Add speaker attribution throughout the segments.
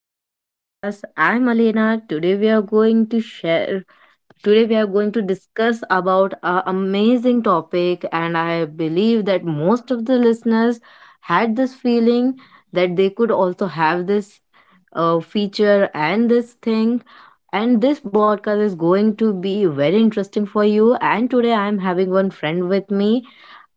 Speaker 1: To my podcast. I'm Alena. Today we are going to share today we are going to discuss about an amazing topic, and I believe that most of the listeners had this feeling that they could also have this feature and this thing, and this podcast is going to be very interesting for you. And today I'm having one friend with me,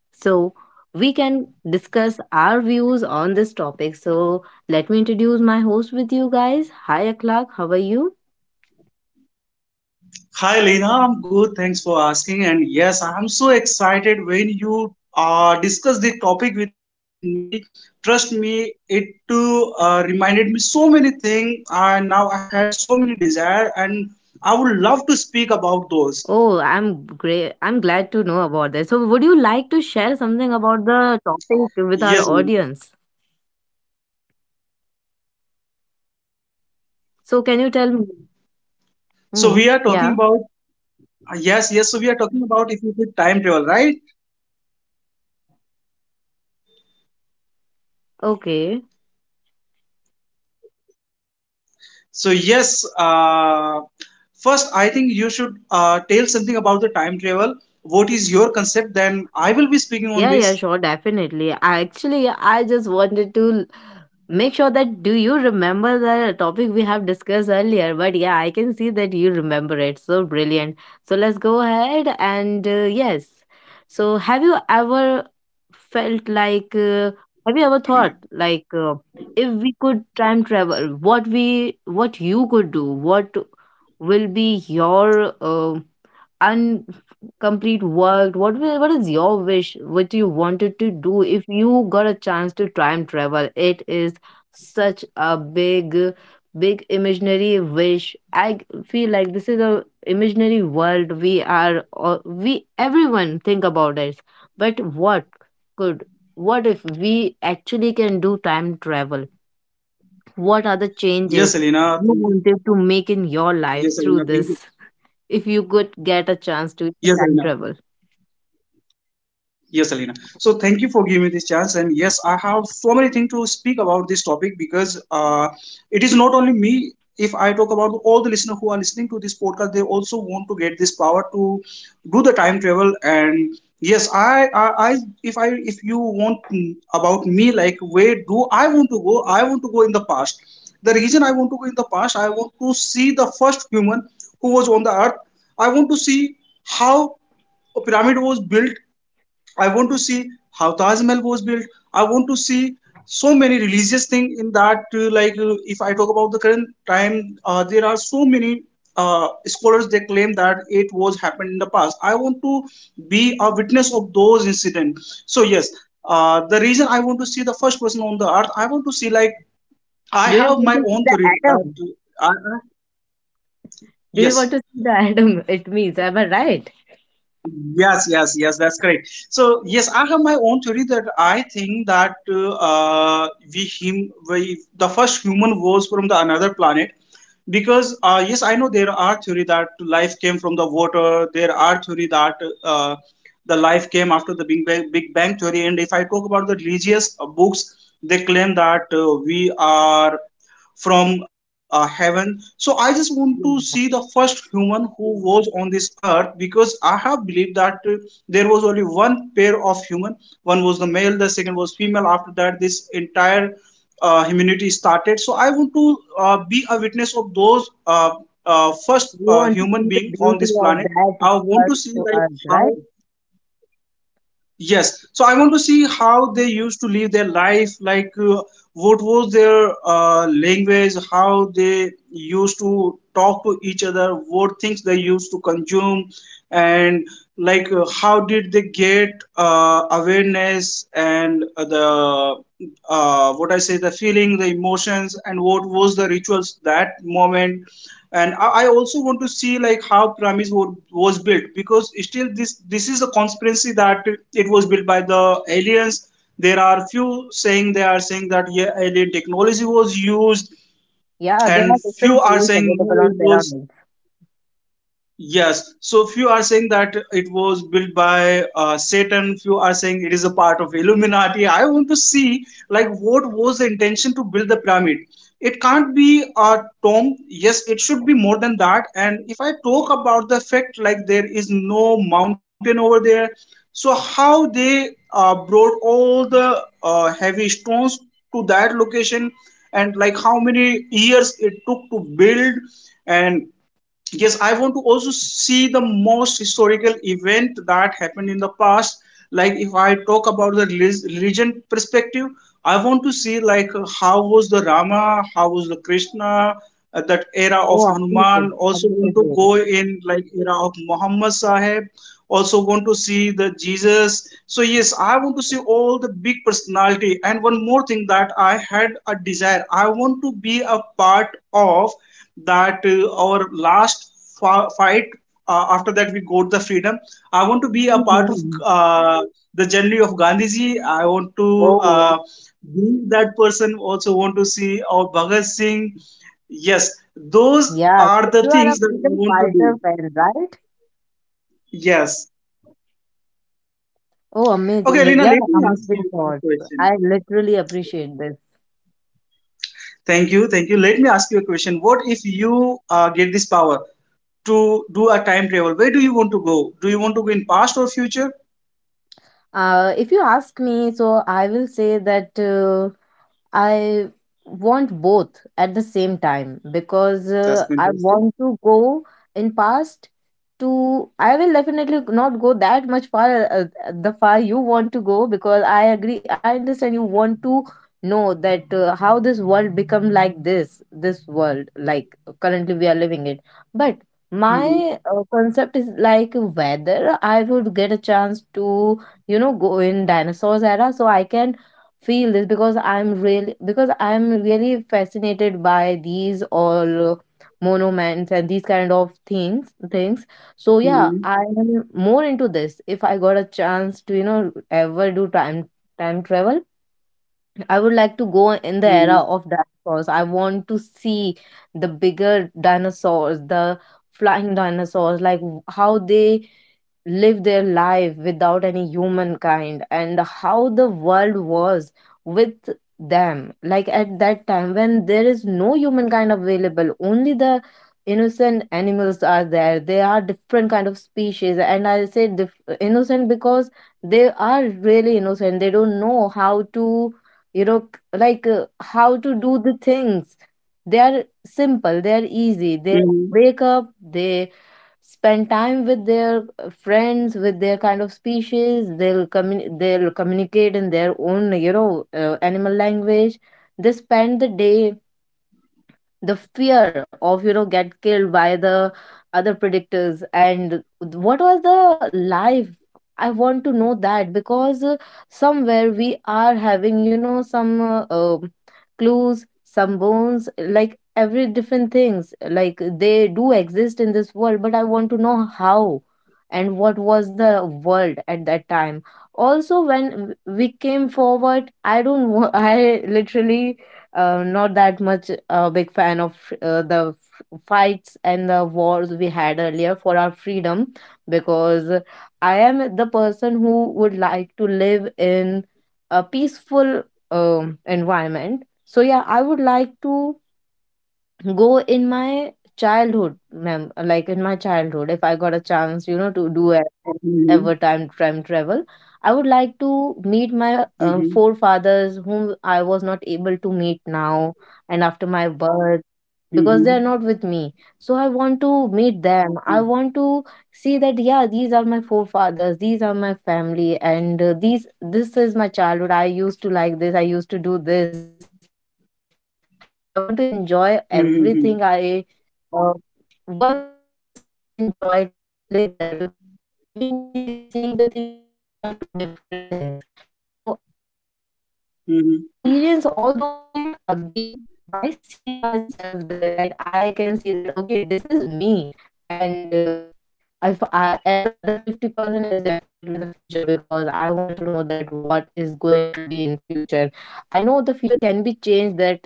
Speaker 1: so we can discuss our views on this topic. So, let me introduce my host with you guys. Hi, Akhlaq. How are you?
Speaker 2: Hi Lina, I'm good. Thanks for asking. And yes, I'm so excited when you discussed the topic with me. Trust me, it too reminded me so many things, and now I had so many desire, and I would love to speak about those.
Speaker 1: Oh, I'm great. I'm glad to know about this. So, would you like to share something about the topic with our audience?
Speaker 2: Yes, Lina.
Speaker 1: So, can you tell me?
Speaker 2: So
Speaker 1: Hmm.
Speaker 2: we are talking
Speaker 1: Yeah.
Speaker 2: about yes, yes. So we are talking about if you could time travel, right?
Speaker 1: Okay.
Speaker 2: So yes, first I think you should tell something about the time travel. What is your concept? Then I will be speaking on
Speaker 1: Yeah, yeah,
Speaker 2: this.
Speaker 1: sure, definitely. I just wanted to make sure that do you remember the topic we have discussed earlier? But yeah, I can see that you remember it. So brilliant. So let's go ahead and yes. So have you ever felt have you ever thought if we could time travel, what you could do, what will be your uncomplete work, what is your wish, what you wanted to do if you got a chance to time travel? It is such a big imaginary wish. I feel like this is a imaginary world we are all, we everyone think about it. But what could, what if we actually can do time travel, what are the changes
Speaker 2: Yes, Alina.
Speaker 1: you
Speaker 2: Thank you.
Speaker 1: wanted to make in your
Speaker 2: Yes,
Speaker 1: life
Speaker 2: Alina.
Speaker 1: through
Speaker 2: Thank you.
Speaker 1: this if you could get a chance to
Speaker 2: Yes, Alina.
Speaker 1: time travel?
Speaker 2: Yes, Alina. So thank you for giving me this chance. And yes, I have so many things to speak about this topic because it is not only. If I talk about all the listeners who are listening to this podcast, they also want to get this power to do the time travel. And yes, if you want about me, like where do I want to go? I want to go in the past. The reason I want to go in the past, I want to see the first human who was on the earth. I want to see how a pyramid was built. I want to see how Taj Mahal was built. I want to see so many religious things in that. Like if I talk about the current time, there are so many scholars they claim that it was happened in the past. I want to be a witness of those incidents. So yes, the reason I want to see the first person on the earth, I want to see like I
Speaker 1: Do you
Speaker 2: have
Speaker 1: want
Speaker 2: my
Speaker 1: to see
Speaker 2: own
Speaker 1: the
Speaker 2: theory
Speaker 1: atom?
Speaker 2: that I, I-
Speaker 1: Do you want
Speaker 2: yes.
Speaker 1: to see the atom? It means am I right?
Speaker 2: Yes, yes, yes, that's correct. So, yes, I have my own theory that I think that we, the first human was from the another planet because yes, I know there are theory that life came from the water. There are theory that uh, the life came after the Big Bang, Big Bang theory. And if I talk about the religious books, they claim that we are from heaven. So I just want to
Speaker 1: Yeah.
Speaker 2: see the first human who was on this earth because I have believed that there was only one pair of human. One was the male, the second was female. After that, this entire humanity started. So I want to be a witness of those first
Speaker 1: You want to
Speaker 2: human
Speaker 1: see
Speaker 2: being
Speaker 1: the
Speaker 2: on
Speaker 1: beauty
Speaker 2: this
Speaker 1: of
Speaker 2: planet.
Speaker 1: that
Speaker 2: I want
Speaker 1: first
Speaker 2: to see
Speaker 1: to
Speaker 2: like
Speaker 1: us, right?
Speaker 2: how. Yes, so I want to see how they used to live their life, like what was their language, how they used to talk to each other, what things they used to consume, and like how did they get awareness and the what I say, the feeling, the emotions, and what was the rituals that moment. And I also want to see like how Pyramids were, was built because still this is a conspiracy that it was built by the aliens. There are few saying they are saying that yeah, alien technology was used,
Speaker 1: Yeah, there are
Speaker 2: and few
Speaker 1: different
Speaker 2: are
Speaker 1: theories
Speaker 2: saying no,
Speaker 1: available on
Speaker 2: it was.
Speaker 1: pyramids.
Speaker 2: Yes. So few are saying that it was built by Satan. Few are saying it is a part of Illuminati. I want to see like what was the intention to build the pyramid. It can't be a tomb. Yes, it should be more than that. And if I talk about the fact like there is no mountain over there, so how they brought all the heavy stones to that location, and like how many years it took to build, and yes, I want to also see the most historical event that happened in the past. Like if I talk about the religion perspective, I want to see like how was the Rama, how was the Krishna, that era
Speaker 1: Oh,
Speaker 2: of
Speaker 1: amazing.
Speaker 2: Hanuman. Also want to
Speaker 1: Amazing.
Speaker 2: go in like era of Muhammad Sahib, also want to see the Jesus. So yes, I want to see all the big personality, and one more thing that I had a desire. I want to be a part of that our last fight, after that we got the freedom. I want to be a part of
Speaker 1: Mhm.
Speaker 2: uh, the journey of Gandhiji. I want to
Speaker 1: Oh,
Speaker 2: uh, be that person, also want to see our Bhagat Singh. Yes, those
Speaker 1: yeah.
Speaker 2: are
Speaker 1: So
Speaker 2: the
Speaker 1: you are a
Speaker 2: things that I
Speaker 1: freedom
Speaker 2: want to
Speaker 1: fighter
Speaker 2: do.
Speaker 1: fan, right?
Speaker 2: Yes.
Speaker 1: Oh,
Speaker 2: Okay
Speaker 1: amazing.
Speaker 2: Alina,
Speaker 1: Yeah,
Speaker 2: let me ask
Speaker 1: amazing
Speaker 2: you a
Speaker 1: thoughts.
Speaker 2: question.
Speaker 1: I literally appreciate this.
Speaker 2: Thank you, thank you. Let me ask you a question. What if you get this power to do a time travel? Where do you want to go? Do you want to go in past or future?
Speaker 1: If you ask me, so I will say that I want both at the same time, because
Speaker 2: That's
Speaker 1: I
Speaker 2: fantastic.
Speaker 1: want to go in past to. I will definitely not go that much far, the far you want to go, because I agree, I understand you want to know that how this world become like this world, like currently we are living it. But my
Speaker 2: Mm-hmm.
Speaker 1: concept is like whether I would get a chance to, you know, go in dinosaurs era, so I can feel this, because I'm really fascinated by these all monuments and these kind of things. So yeah,
Speaker 2: Mm-hmm.
Speaker 1: I am more into this if I got a chance to, you know, ever do time travel. I would like to go
Speaker 2: Mm-hmm.
Speaker 1: in the era of dinosaurs. I want to see the bigger dinosaurs, the flying dinosaurs, like how they live their life without any humankind and how the world was with them. Like at that time when there is no humankind available, only the innocent animals are there. They are different kind of species, and I say innocent because they are really innocent. They don't know how to, you know, how to do the things. They are simple, they
Speaker 2: Mm-hmm.
Speaker 1: are easy, they wake up, they spend time with their friends, with their kind of species. They'll they'll communicate in their own, you know, animal language. They spend the day, the fear of, you know, get killed by the other predictors, and what was the life. I want to know that, because somewhere we are having, you know, some clues, some bones, like every different things, like they do exist in this world, but I want to know how and what was the world at that time. Also, when we came forward, I don't wa- I literally not that much a big fan of the fights and the wars we had earlier for our freedom, because I am the person who would like to live in a peaceful environment. So yeah, I would like to go in my like in my childhood, if I got a chance, you know, to do ever time
Speaker 2: Mm-hmm.
Speaker 1: travel, I would like to meet my
Speaker 2: Mm-hmm.
Speaker 1: forefathers whom I was not able to meet now and after my birth, because they are not with me.
Speaker 2: Mm-hmm.
Speaker 1: So I want to meet them, I want to see that, yeah, these are my forefathers, these are my family, and these, this is my childhood, I used to like this, I used to do this. I want to enjoy everything I uh, once I
Speaker 2: Mm-hmm.
Speaker 1: enjoyed, once I lived there, because you know, living the thing and seeing the thing, these are two different things. So I want to experience all those things again by seeing myself
Speaker 2: Mm-hmm.
Speaker 1: there. Like I can see that okay, this is me, and if I, and the other 50% is definitely the future, because I want to know that what is going to be in future. I know the future can be changed. That is not in our hand, but yeah,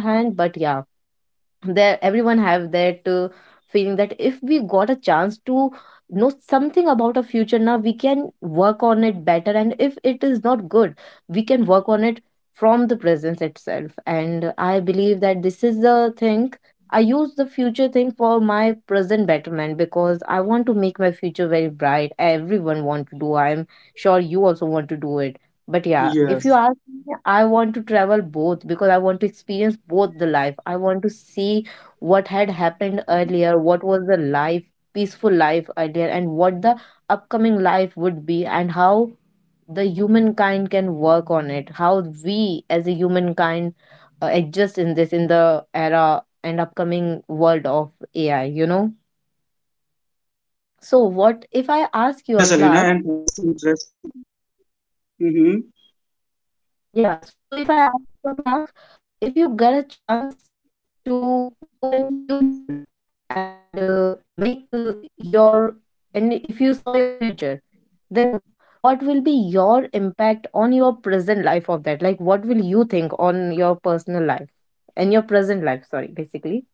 Speaker 1: there everyone have that feeling that if we got a chance to know something about our future now, we can work on it better, and if it is not good, we can work on it from the presence itself. And I believe that this is the thing. I use the future thing for my present betterment, because I want to make my future very bright. Everyone want to do, I'm sure you also want to do it. But yeah, if you ask me, I want to travel
Speaker 2: Yes.
Speaker 1: both, because I want to experience both the life. I want to see what had happened earlier, what was the life, peaceful life earlier, and what the upcoming life would be, and how the humankind can work on it, how we as a humankind adjust in this, in the era and upcoming world of AI, you know? So, what if I ask you a clerk?
Speaker 2: Yes, Alina, and that's interesting.
Speaker 1: Yeah, so if I ask
Speaker 2: Mm-hmm.
Speaker 1: you a clerk, if you get a chance to go in future and uh, make uh, your and if you saw your future, then what will be your impact on your present life of that, like what will you think on your personal life and your present life, sorry, basically.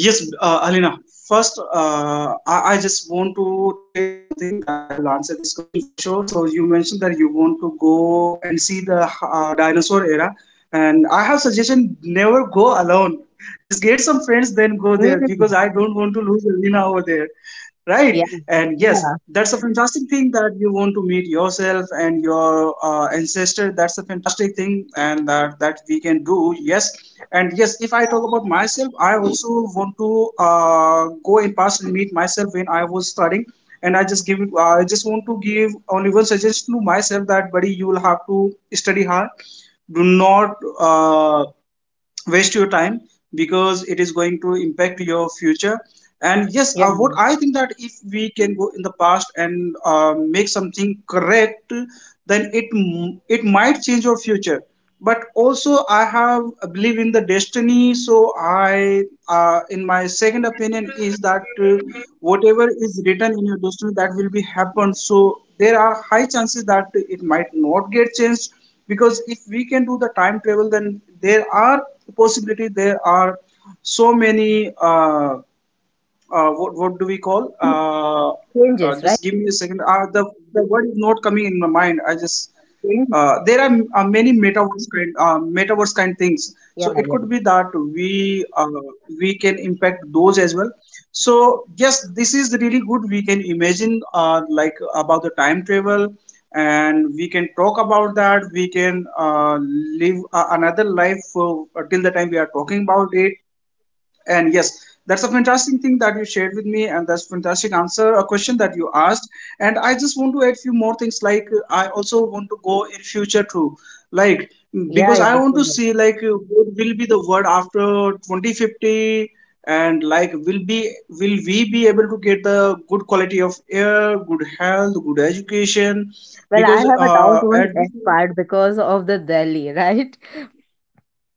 Speaker 2: Yes, Alina, first, I just want to tell you something. Then I will answer this question for sure. So, you mentioned that you want to go and see the dinosaur era, and I have suggestion never go alone. Just get some friends, then go there because I
Speaker 1: Mm.
Speaker 2: don't want to lose Alina over there. Right?
Speaker 1: Yeah,
Speaker 2: And yes, that's a
Speaker 1: yeah,
Speaker 2: fantastic thing that you want to meet yourself and your ancestor. That's a fantastic thing, and that we can do. Yes. And yes, if I talk about myself, I also want to go in past and meet when I was studying. And I just want to give only one suggestion to myself that, buddy, you will have to study hard. Do not waste your time because it is going to impact your future. And yes, what I
Speaker 1: yeah,
Speaker 2: think that if we can go past and make something correct, then it might change your future. But also I have a belief in the destiny, so I in my second opinion is that uh, whatever is written in your destiny that will be happen. So there are high chances that it might not get changed because if we can do the time travel, then there are possibilities. There are so many what do we call?
Speaker 1: it changes, right?
Speaker 2: Just give me a second. The word is not coming in my mind. I just
Speaker 1: Changes.
Speaker 2: there are many metaverse kind things.
Speaker 1: Yeah,
Speaker 2: So it
Speaker 1: yeah,
Speaker 2: could be that we can impact those as well. So yes, this is really good. We can imagine like about the time travel, and we can talk about that. We can live another life till the time we talking about it. And yes, that's a fantastic thing that you shared with me, and that's fantastic answer a question that you asked. And I just want to add few things. Like I also want to go in future too, like
Speaker 1: yeah.
Speaker 2: because
Speaker 1: Yeah,
Speaker 2: I want to
Speaker 1: sure.
Speaker 2: see like what will be the world after 2050, and like will we be able to get the good quality of air, good health, good education,
Speaker 1: Well, I
Speaker 2: because
Speaker 1: have a doubt on
Speaker 2: at this.
Speaker 1: that part because of the Delhi. Right?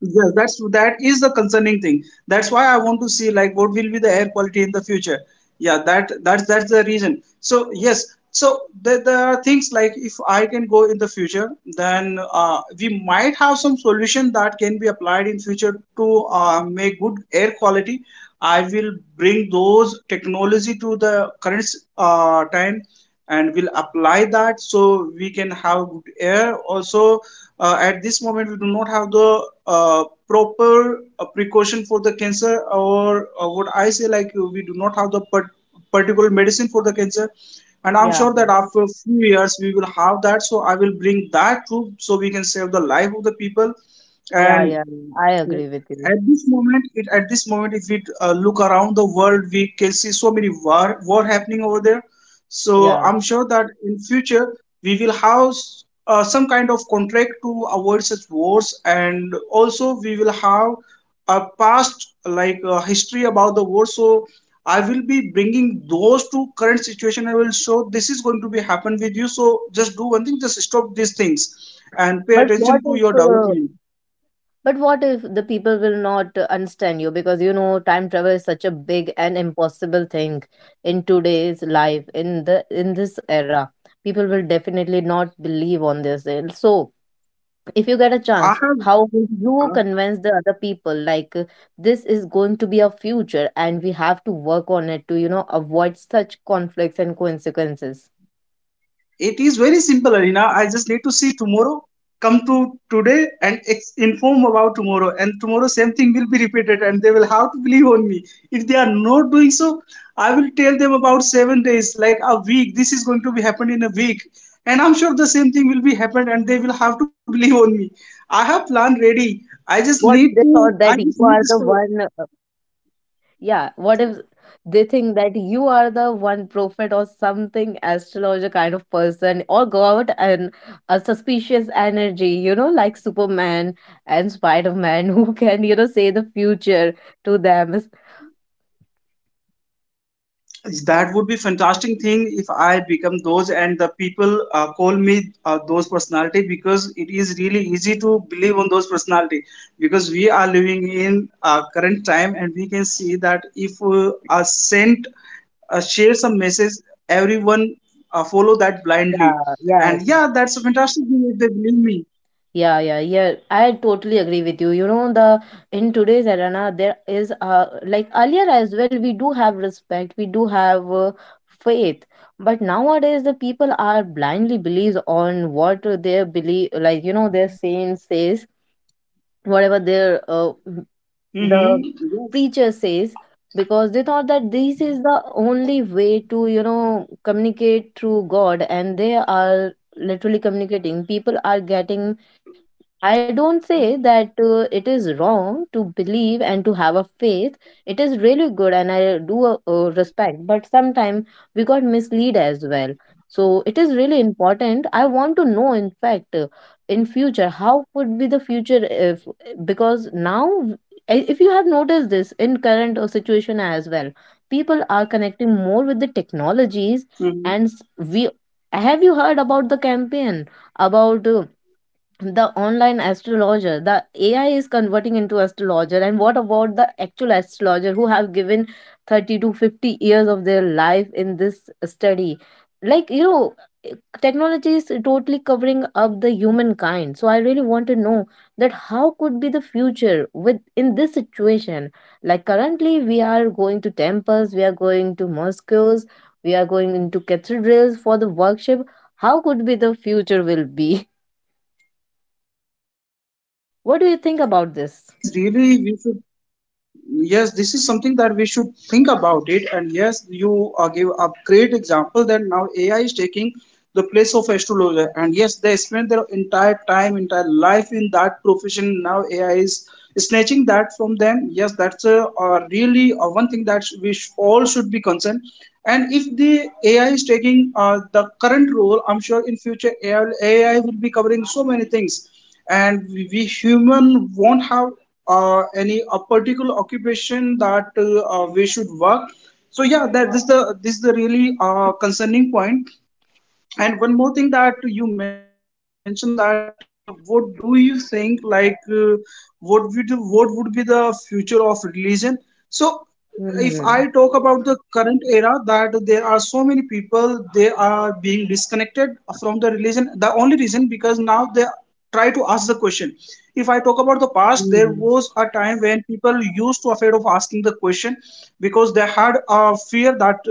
Speaker 2: Yes, that is the concerning thing. That's why I want to see like what will be the air quality in the future. Yeah, that's the reason. So yes, so there are things like if I can go in the future, then we might have some solution that can be applied in future to make good air quality. I will bring those technology to the current time, and we'll apply that so we can have good air also. At this moment we do not have the proper precaution for the cancer, or what I say, like we do not have the particular medicine for the cancer. And I'm
Speaker 1: Yeah,
Speaker 2: sure that after a few years we will have that, so I will bring that too so we can save the life of the people.
Speaker 1: yeah,
Speaker 2: And
Speaker 1: yeah. Yeah, I agree with you.
Speaker 2: at this moment, if we look around the world, we can see so many war happening over there. So
Speaker 1: Yeah.
Speaker 2: I'm sure that in future we will have some kind of contract to avoid such wars, and also we will have a past, like history about the war. So I will be bringing those to current situation. I will show this is going to be happen with you, so just do one thing, just stop these things and pay
Speaker 1: But
Speaker 2: attention to your development.
Speaker 1: what if the people will not understand you? Because you know, time travel is such a big and impossible thing in today's life, in the in this era. People will definitely not believe on this. And so, if you get a chance,
Speaker 2: I have.
Speaker 1: how will you convince the other people, like this is going to be our future and we have to work on it to, you know, avoid such conflicts and consequences?
Speaker 2: It is very simple, Arina. I just need to see tomorrow, come to today, and inform about tomorrow. And tomorrow, same thing will be repeated, and they will have to believe on me. If they are not doing so, I will tell them about 7 days, like a week. This is going to be happened in a week, and I'm sure the same thing will be happened, and they will have to believe on me. I have plan ready.
Speaker 1: What is the
Speaker 2: I just
Speaker 1: thought that
Speaker 2: need
Speaker 1: you
Speaker 2: to.
Speaker 1: are the
Speaker 2: I just need
Speaker 1: one?
Speaker 2: this.
Speaker 1: Yeah, what if they think that you are the one prophet or something, astrologer kind of person, or go out, and a suspicious energy, you know, like Superman and Spider-Man who can, you know, say the future to them.
Speaker 2: That would be fantastic thing if I become those and the people call me those personality, because it is really easy to believe on those personality because we are living in current time, and we can see that if a sent share some message, everyone follow that blindly.
Speaker 1: Yeah, yeah.
Speaker 2: And yeah, that's a fantastic thing if they believe me.
Speaker 1: Yeah, yeah, yeah. I totally agree with you. You know, the in today's era, na, there is like earlier as well, we do have respect, we do have faith, but nowadays the people are blindly believes on what their believe, like you know, their saint says, whatever their
Speaker 2: Mm-hmm. Yes.
Speaker 1: the preacher says, because they thought that this is the only way to, you know, communicate through God, and they are literally communicating. People are getting, I don't say that it is wrong to believe and to have a faith. It is really good, and I do respect. But sometimes we got misled as well. So it is really important. I want to know, in fact, in future, how would be the future, if because now, if you have noticed this in current situation as well, people are connecting more with the
Speaker 2: Mm-hmm.
Speaker 1: technologies, and we have, you heard about the campaign about. The online astrologer, the AI is converting into astrologer, and what about the actual astrologer who have given 30 to 50 years of their life in this study? Like you know, technology is totally covering up the humankind, so I really want to know that how could be the future with in this situation. Like currently we are going to temples, we are going to mosques, we are going into cathedrals for the worship. How could be the future will be? What do you
Speaker 2: Yes,
Speaker 1: think
Speaker 2: elena,
Speaker 1: about
Speaker 2: this is
Speaker 1: this?
Speaker 2: really we should, yes, this is something that we should think about it. And yes, you give a great example that now AI is taking the place of astrologer, and yes, they spend their entire time, entire life in that profession. Now ai is snatching that from them. Yes, that's a really one thing that all should be concerned. And if the AI is taking the current role, I'm sure in future AI will be covering so many things, and we human won't have any a particular occupation that we should work. So yeah, that this the this is the really concerning point. And one more thing that you mentioned that what do you think like what would be the future of religion?
Speaker 1: Mm-hmm.
Speaker 2: So if I talk about the current era, that there are so many people they are being disconnected from the religion. The only reason, because now they try to ask the question. If I
Speaker 1: Mm-hmm.
Speaker 2: talk about the past, there was a time when people used to afraid of asking the question because they had a,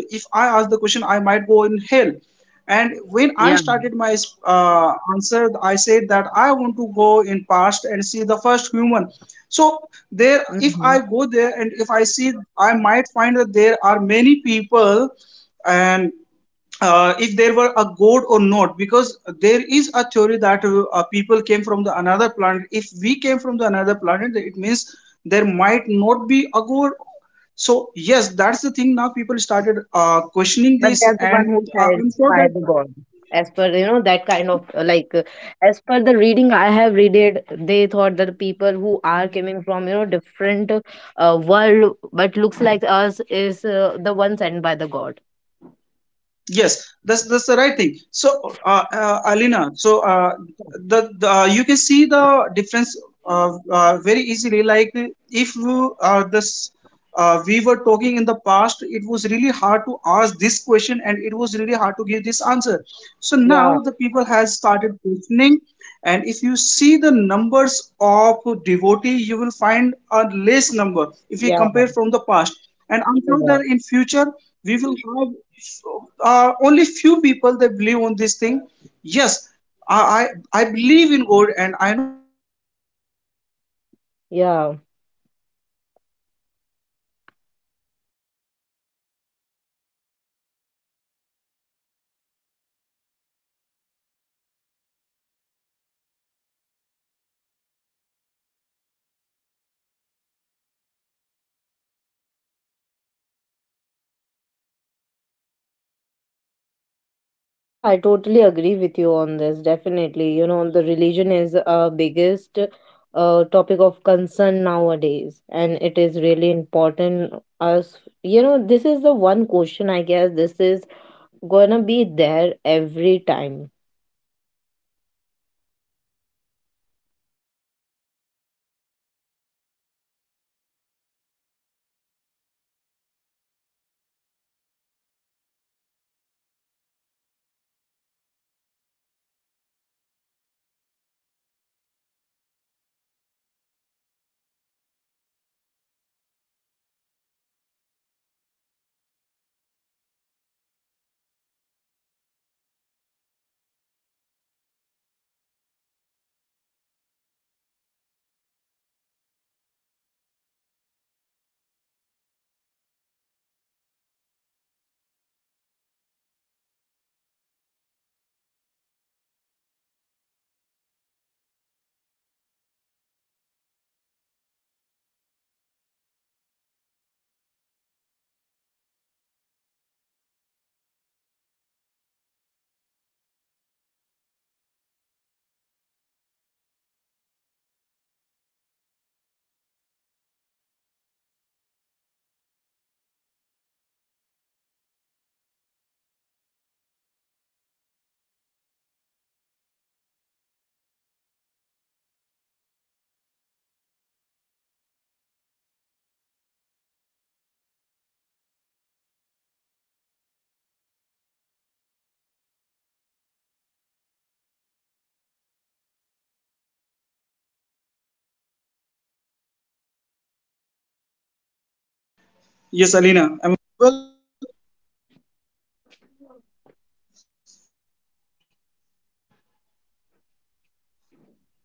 Speaker 2: if I ask the question, I might go in hell.
Speaker 1: Yeah.
Speaker 2: And when I started my answer, I said that I want to go in past and see the first human. So
Speaker 1: Mm-hmm.
Speaker 2: there, if I go there and if I see, I might find that there are many people, and if there were a god or not, because there is a theory that people came from the another planet. If we came from the another planet, then it means there might not be a god. So yes, that's the thing. Now people
Speaker 1: But they're
Speaker 2: started
Speaker 1: the one who said
Speaker 2: questioning this,
Speaker 1: by the
Speaker 2: and
Speaker 1: God.
Speaker 2: I'm
Speaker 1: As
Speaker 2: sure
Speaker 1: per
Speaker 2: that
Speaker 1: you know that kind of as per the reading I have readed, they thought that people who are coming from you know different world but looks like us is the one sent by the God.
Speaker 2: yes, that's the right thing. So, Alina, so the you can see the difference very easily like if you, this we were talking in the past, it was really hard to ask this question and it was really hard to give this answer. So
Speaker 1: Yeah.
Speaker 2: now the people has started questioning, and if you see the numbers of devotee you will find a less number if we
Speaker 1: Yeah.
Speaker 2: compare from the past. And I'm sure
Speaker 1: Yeah.
Speaker 2: that in future we will have only few people that believe on.
Speaker 1: Yeah. Yeah, I totally agree with you on this. Definitely, you know, the religion is a biggest topic of concern nowadays, and it is really important. Us, you know, this is the one question I guess this is gonna be there every time.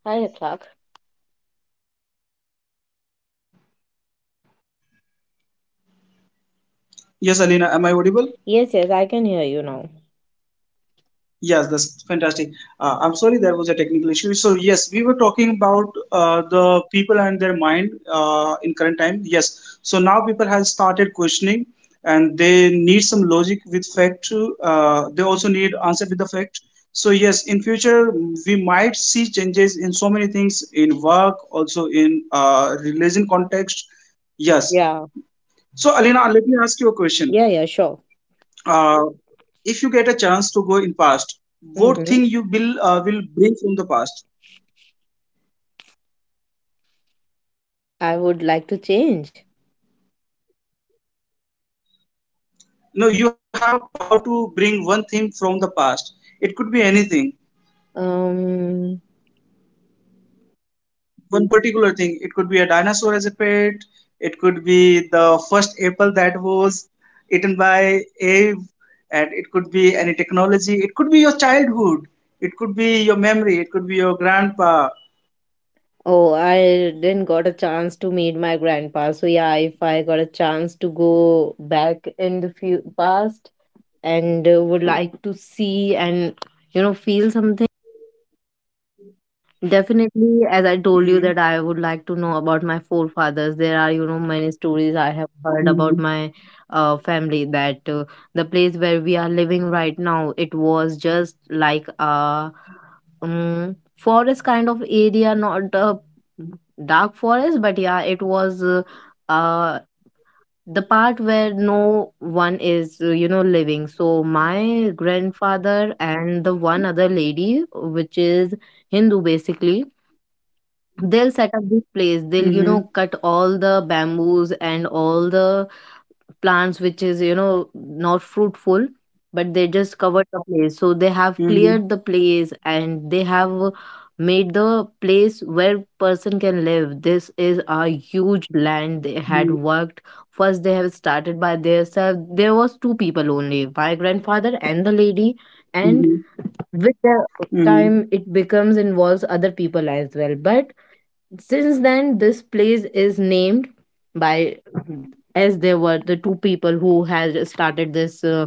Speaker 1: Hi, Clark.
Speaker 2: Yes, Alina, am I audible?
Speaker 1: Yes, yes, I can hear you now.
Speaker 2: Yes, that's fantastic. I'm sorry there was a technical issue. So yes, we were talking about the people and their mind in current time. Yes, so now people have started questioning, and they need some logic with fact. They also need answer with fact. So yes, in future we might see changes in so many things in work, also in religion context. Yes.
Speaker 1: Yeah.
Speaker 2: So Alina, let me ask you a question.
Speaker 1: Yeah, yeah, sure.
Speaker 2: Uh, if you a chance to go in past, what
Speaker 1: Mm-hmm.
Speaker 2: thing you will bring from the past?
Speaker 1: I would like to change.
Speaker 2: No, you have power to bring one thing from the past. It could be anything,
Speaker 1: Um,
Speaker 2: one particular thing. It could be a dinosaur as a pet. It could be the first apple that was eaten Eve. And it could be any technology. It could be your childhood. It could be your memory. It could be your grandpa.
Speaker 1: oh, I didn't got a chance to meet my grandpa. So yeah, if I got a chance to go back in the few past and would like to see and you know feel something. Definitely, as I told you that I would
Speaker 2: Hmm.
Speaker 1: like to know about my forefathers. There are, you know, many stories I have heard about my
Speaker 2: Hmm.
Speaker 1: family that the place where we are living right now, it was just like a forest kind of area, not a dark forest, but yeah, it was uh, the part where no one is, you know, living. So my grandfather and the one other lady, which is Hindu basically, they'll set up this place, they'll you know
Speaker 2: Hmm.
Speaker 1: cut all the bamboos and all the plants which is you know not fruitful, but they just covered the place, so they have cleared the
Speaker 2: Hmm.
Speaker 1: place and they have made the place where person can live. This is a huge land they had
Speaker 2: Hmm.
Speaker 1: worked. First they have started by themselves. There was two people only, my grandfather and the lady, and
Speaker 2: Hmm.
Speaker 1: with the time it
Speaker 2: Hmm.
Speaker 1: becomes involves other people as well, but since then, this place is named by, as there were the two people who had started this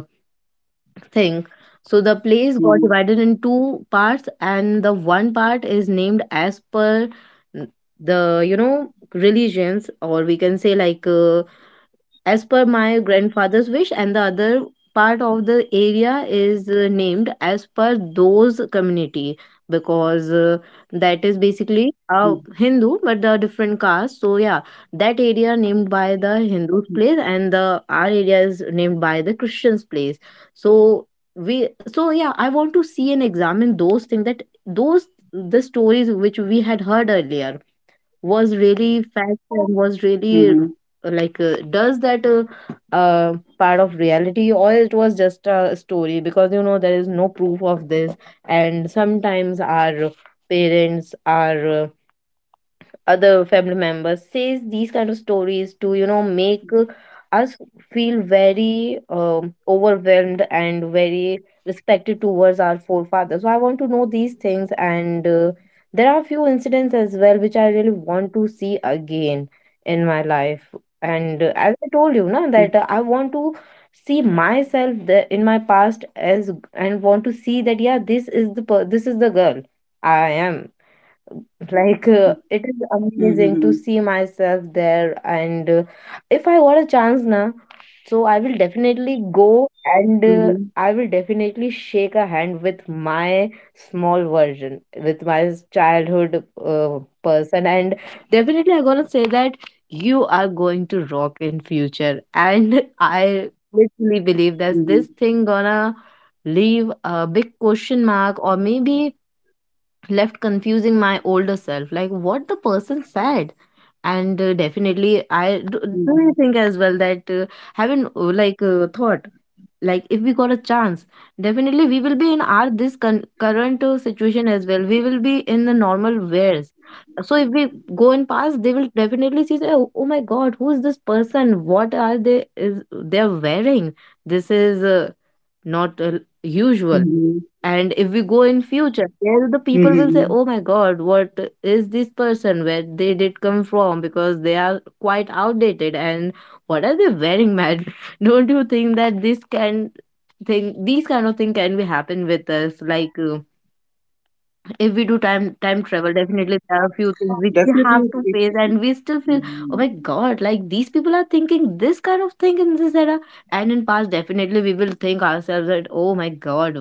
Speaker 1: thing. So the place got divided in
Speaker 2: Hmm.
Speaker 1: two parts, and the one part is named as per n- the you know religions, or we can say like as per my grandfather's wish, and the other part of the area is named as per those community, because that is basically a
Speaker 2: Hmm.
Speaker 1: hindu but the different caste, so yeah, that area named by the hindu's place and the our area is named by the christian's place. So we, so yeah, I want to see and examine those things, that those, the stories which we had heard earlier was really fact and was really
Speaker 2: Mhm.
Speaker 1: does that part of reality or it was just a story, because you know there is no proof of this, and sometimes our parents are other family members says these kind of stories to you know make us feel very overwhelmed and very respected towards our forefathers. So I want to know these things, and there are few incidents as well which I really want to see again in my life. And as I told you
Speaker 2: Mhm.
Speaker 1: now that I want to see myself the, in my past, as and want to see that yeah this is the this is the girl I am. Like, it is amazing to see
Speaker 2: Mhm.
Speaker 1: myself there, and if I got a chance now, so I will definitely go, and I
Speaker 2: Mhm.
Speaker 1: will definitely shake a hand with my small version, with my childhood person, and definitely I'm gonna say that you are going to rock in future. And I literally believe that this
Speaker 2: Mhm.
Speaker 1: thing gonna leave a big question mark, or maybe left confusing my older self like what the person said. And definitely I do, do you think
Speaker 2: Mhm.
Speaker 1: as well that haven't thought, like if we got a chance, definitely we will be in our this current situation as well, we will be in the normal wares. So if we go and pass, they will definitely see that, oh, oh my god, who is this person, what are they, is they are wearing, this is not usual.
Speaker 2: Mhm.
Speaker 1: And if we go in future, there the people will say,
Speaker 2: Mhm.
Speaker 1: "Oh my God, what is this person? Where they did come from? Because they are quite outdated, and what are they wearing, man?" Don't you think that this can thing, these kind of thing, can be happen with us? Like. If we do time travel, definitely there are a few things which
Speaker 2: Definitely,
Speaker 1: we have to face, and we still feel,
Speaker 2: Mhm.
Speaker 1: oh my god, like these people are thinking this kind of thing in this era. And in past, definitely we will think ourselves that oh my god,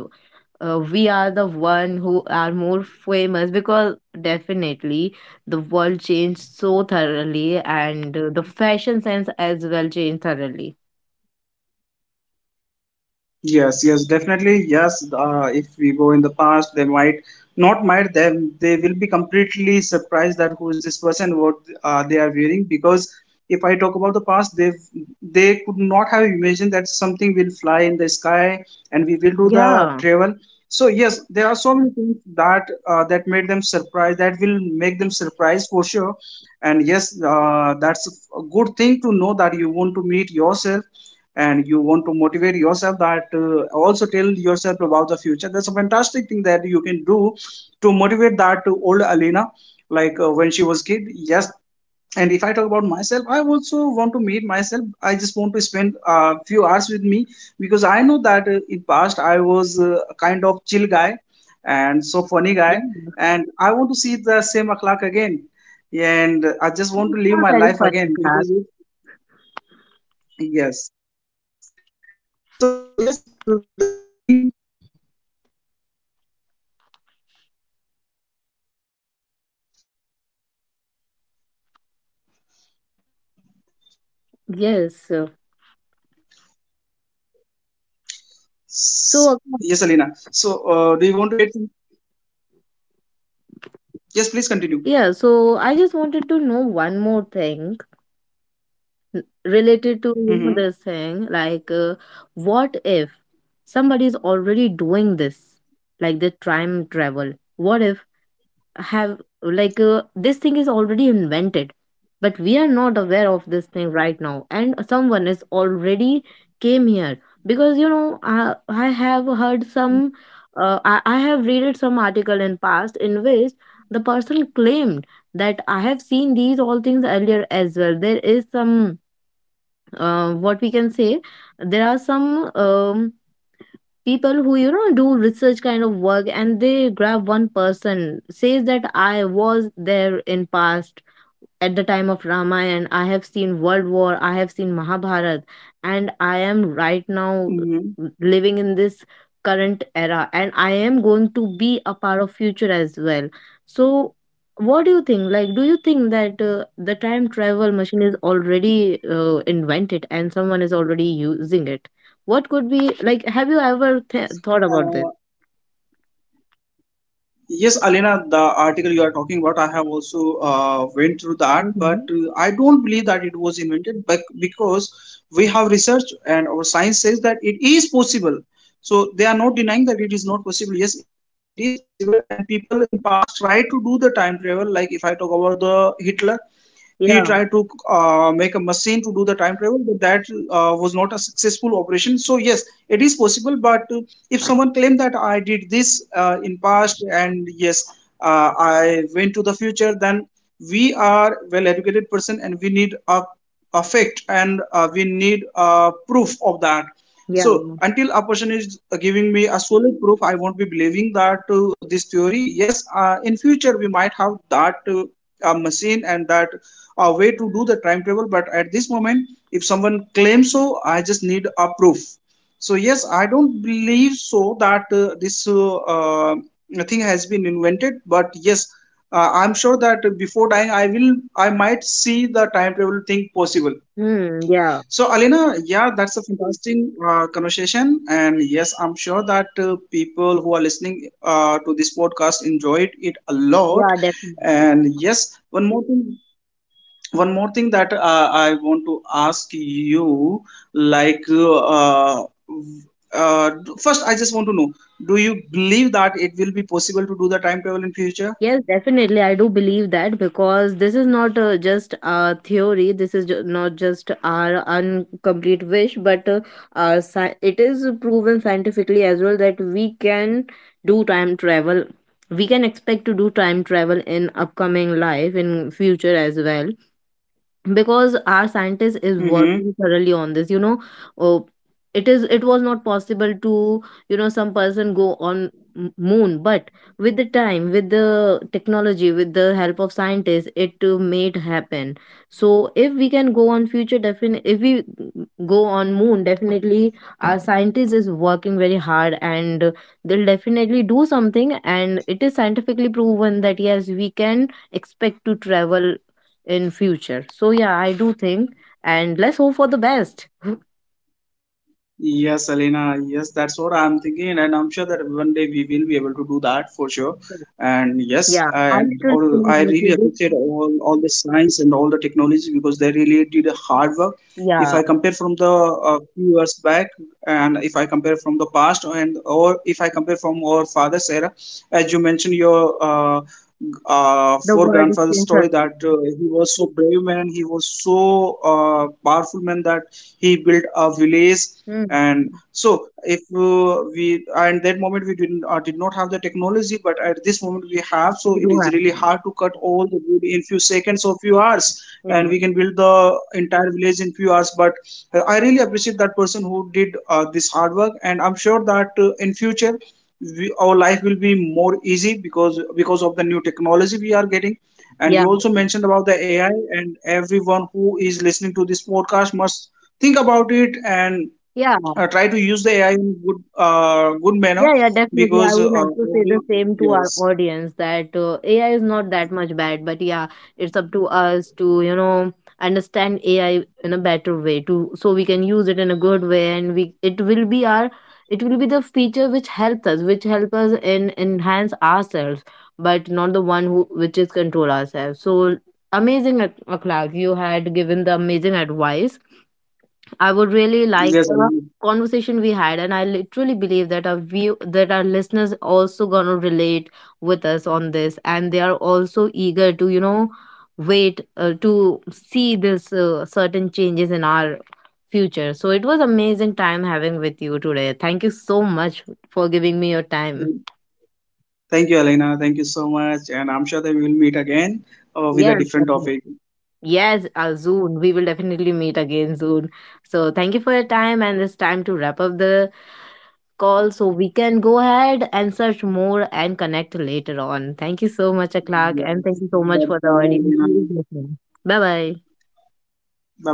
Speaker 1: we are the one who are more famous, because definitely the world changed so thoroughly, and the fashion sense as well changed thoroughly.
Speaker 2: Yes, yes, definitely. Yes, if we go in the past, they might not might, they, will be completely surprised that who is this person, what they are wearing. Because if I talk about the past, they could not have imagined that something will fly in the sky and we will do the
Speaker 1: Yeah.
Speaker 2: travel. So yes, there are so many things that made them surprised. That will make them surprised for sure. And yes, that's a good thing to know that you want to meet yourself and you want to motivate yourself, that also tell yourself about the future. That's a fantastic thing that you can do to motivate that old Alina, like when she was kid. Yes, I talk about myself, I also want to meet myself. I just want to spend a few hours with me because I know that in past I was a kind of chill guy and
Speaker 1: Yeah.
Speaker 2: so funny guy. And I want to see the same Akhlaq again, and
Speaker 1: It's
Speaker 2: I
Speaker 1: a
Speaker 2: just
Speaker 1: very
Speaker 2: want to
Speaker 1: funny
Speaker 2: live my
Speaker 1: class.
Speaker 2: life again because yes.
Speaker 1: Yes, uh,
Speaker 2: S-
Speaker 1: so
Speaker 2: Yes, Alina. So, do you want to add? Yes, please continue.
Speaker 1: yeah, so I just wanted to know one more thing, related to you know, this
Speaker 2: Mm-hmm.
Speaker 1: thing. Like, what if somebody is already doing this, like the time travel? What if have, like this thing is already invented but we are not aware of this thing right now and someone is already came here, because you know I have heard some I have read some article in past in which the person claimed that I have seen these all things earlier as well. There is some, what we can say, there are some people who you know do research kind of work, and they grab one person says that I was there in past at the time of Ramayana, I have seen World War, I have seen Mahabharat, and I am right now
Speaker 2: Mm-hmm.
Speaker 1: living in this current era, and I am going to be a part of future as well. So, what do you think? Like, do you think that the time travel machine is already invented and someone is already using it? What could be like? Have you ever thought about
Speaker 2: Uh,
Speaker 1: this?
Speaker 2: yes, Alina, the article you are talking about, have also went through that, but
Speaker 1: Mhm.
Speaker 2: I don't believe that it was invented, but because we have research and our science says that it is possible. So they are not denying that it is not possible. Yes, it is possible, and people in past tried to do the time travel. Like if I talk about the Hitler, he tried to
Speaker 1: Yeah,
Speaker 2: make a machine to do the time travel, but that was not a successful operation. So yes, it is possible, but if someone claimed that I did this in past, and yes, I went to the future, then we are well educated person and we need a fact, and we need a proof of that.
Speaker 1: yeah,
Speaker 2: So until a person is giving me a solid proof, I won't be believing that this theory. Yes, in future we might have that machine and that way to do the time travel. But at this moment, if someone claims so, I just need a proof. So yes, I don't believe so that this thing has been invented, but yes, I'm sure that before dying, I will, I might see the time travel thing possible.
Speaker 1: hmm, yeah,
Speaker 2: So yeah, that's a fantastic conversation, and yes, I'm sure that people who are listening to this podcast enjoyed it a lot.
Speaker 1: yeah, definitely.
Speaker 2: And yes, one more thing that I want to ask you, like uh, first I just want to know, do you believe that it will be possible to do the time travel in future?
Speaker 1: Yes, definitely. I do believe that, because this is not just a theory. This is not just our incomplete wish, but our it is proven scientifically as well that we can do time travel. We can expect to do time travel in upcoming life in future as well, because our scientist is
Speaker 2: Mm-hmm.
Speaker 1: working thoroughly on this you know. uh, it is, it was not possible to you know some person go on moon, but with the time, with the technology, with the help of scientists, it made happen. So if we can go on future, definitely, if we go on moon, definitely, our scientist is working very hard, and they'll definitely do something, and it is scientifically proven that yes, we can expect to travel in future. So yeah, I do think, and let's hope for the best.
Speaker 2: Yes, Alina. Yes, that's what I'm thinking, and I'm sure that one day we will be able to do that for sure. And yes,
Speaker 1: Yeah, I
Speaker 2: and
Speaker 1: still
Speaker 2: all,
Speaker 1: think
Speaker 2: I
Speaker 1: that we
Speaker 2: really
Speaker 1: did.
Speaker 2: appreciate all the science and all the technology, because they really did a hard work. If
Speaker 1: Yeah,
Speaker 2: I compare from the few years back, and if I compare from the past, and or if I compare from our father's era, as you mentioned your
Speaker 1: the
Speaker 2: for
Speaker 1: world is
Speaker 2: grandfather's story that
Speaker 1: changing.
Speaker 2: he was so brave man, he was so powerful man, that he built a village.
Speaker 1: Hmm.
Speaker 2: And so, if we and that moment we did not not have the technology, but at this moment we have, so
Speaker 1: We
Speaker 2: it
Speaker 1: do
Speaker 2: is
Speaker 1: have.
Speaker 2: really hard to cut all the wood in few seconds or few hours,
Speaker 1: Yeah.
Speaker 2: and we can build the entire village in few hours. But I really appreciate that person who did this hard work, and I'm sure that in future we, our life will be more easy, because of the new technology we are getting. And
Speaker 1: Yeah.
Speaker 2: you also mentioned about the AI, and everyone who is listening to this podcast must think about it, and
Speaker 1: Yeah.
Speaker 2: try to use the AI in good good
Speaker 1: Yeah,
Speaker 2: manner
Speaker 1: yeah, definitely. I would
Speaker 2: because
Speaker 1: like to say the
Speaker 2: every
Speaker 1: same to our
Speaker 2: yes.
Speaker 1: audience that AI is not that much bad, but yeah, it's up to us to, you know, understand AI in a better way to, so we can use it in a good way, and we it will be our, it will be the feature which helps us, which help us in enhance ourselves, but not the one who which is control ourselves. So amazing, Akhlaq, you had given the amazing advice. I would really
Speaker 2: Yes,
Speaker 1: like the
Speaker 2: Alina.
Speaker 1: conversation we had, and I literally believe that our view, that our listeners also gonna relate with us on this, and they are also eager to you know wait to see this certain changes in our future. So it was amazing time having with you today. Thank you so much for giving me your time.
Speaker 2: Thank you, Alina, thank you so much, and I'm sure that we will meet again with a
Speaker 1: Yes,
Speaker 2: different topic.
Speaker 1: definitely. Yes, soon. We will definitely meet again soon. So, thank you for your time, and it's time to wrap up the call so we can go ahead and search more and connect later on. Thank you so much, Clark, and
Speaker 2: Yes.
Speaker 1: thank you so
Speaker 2: Bye
Speaker 1: much for
Speaker 2: bye,
Speaker 1: the
Speaker 2: Alina.
Speaker 1: audience who is listening. Bye bye.
Speaker 2: Bye bye.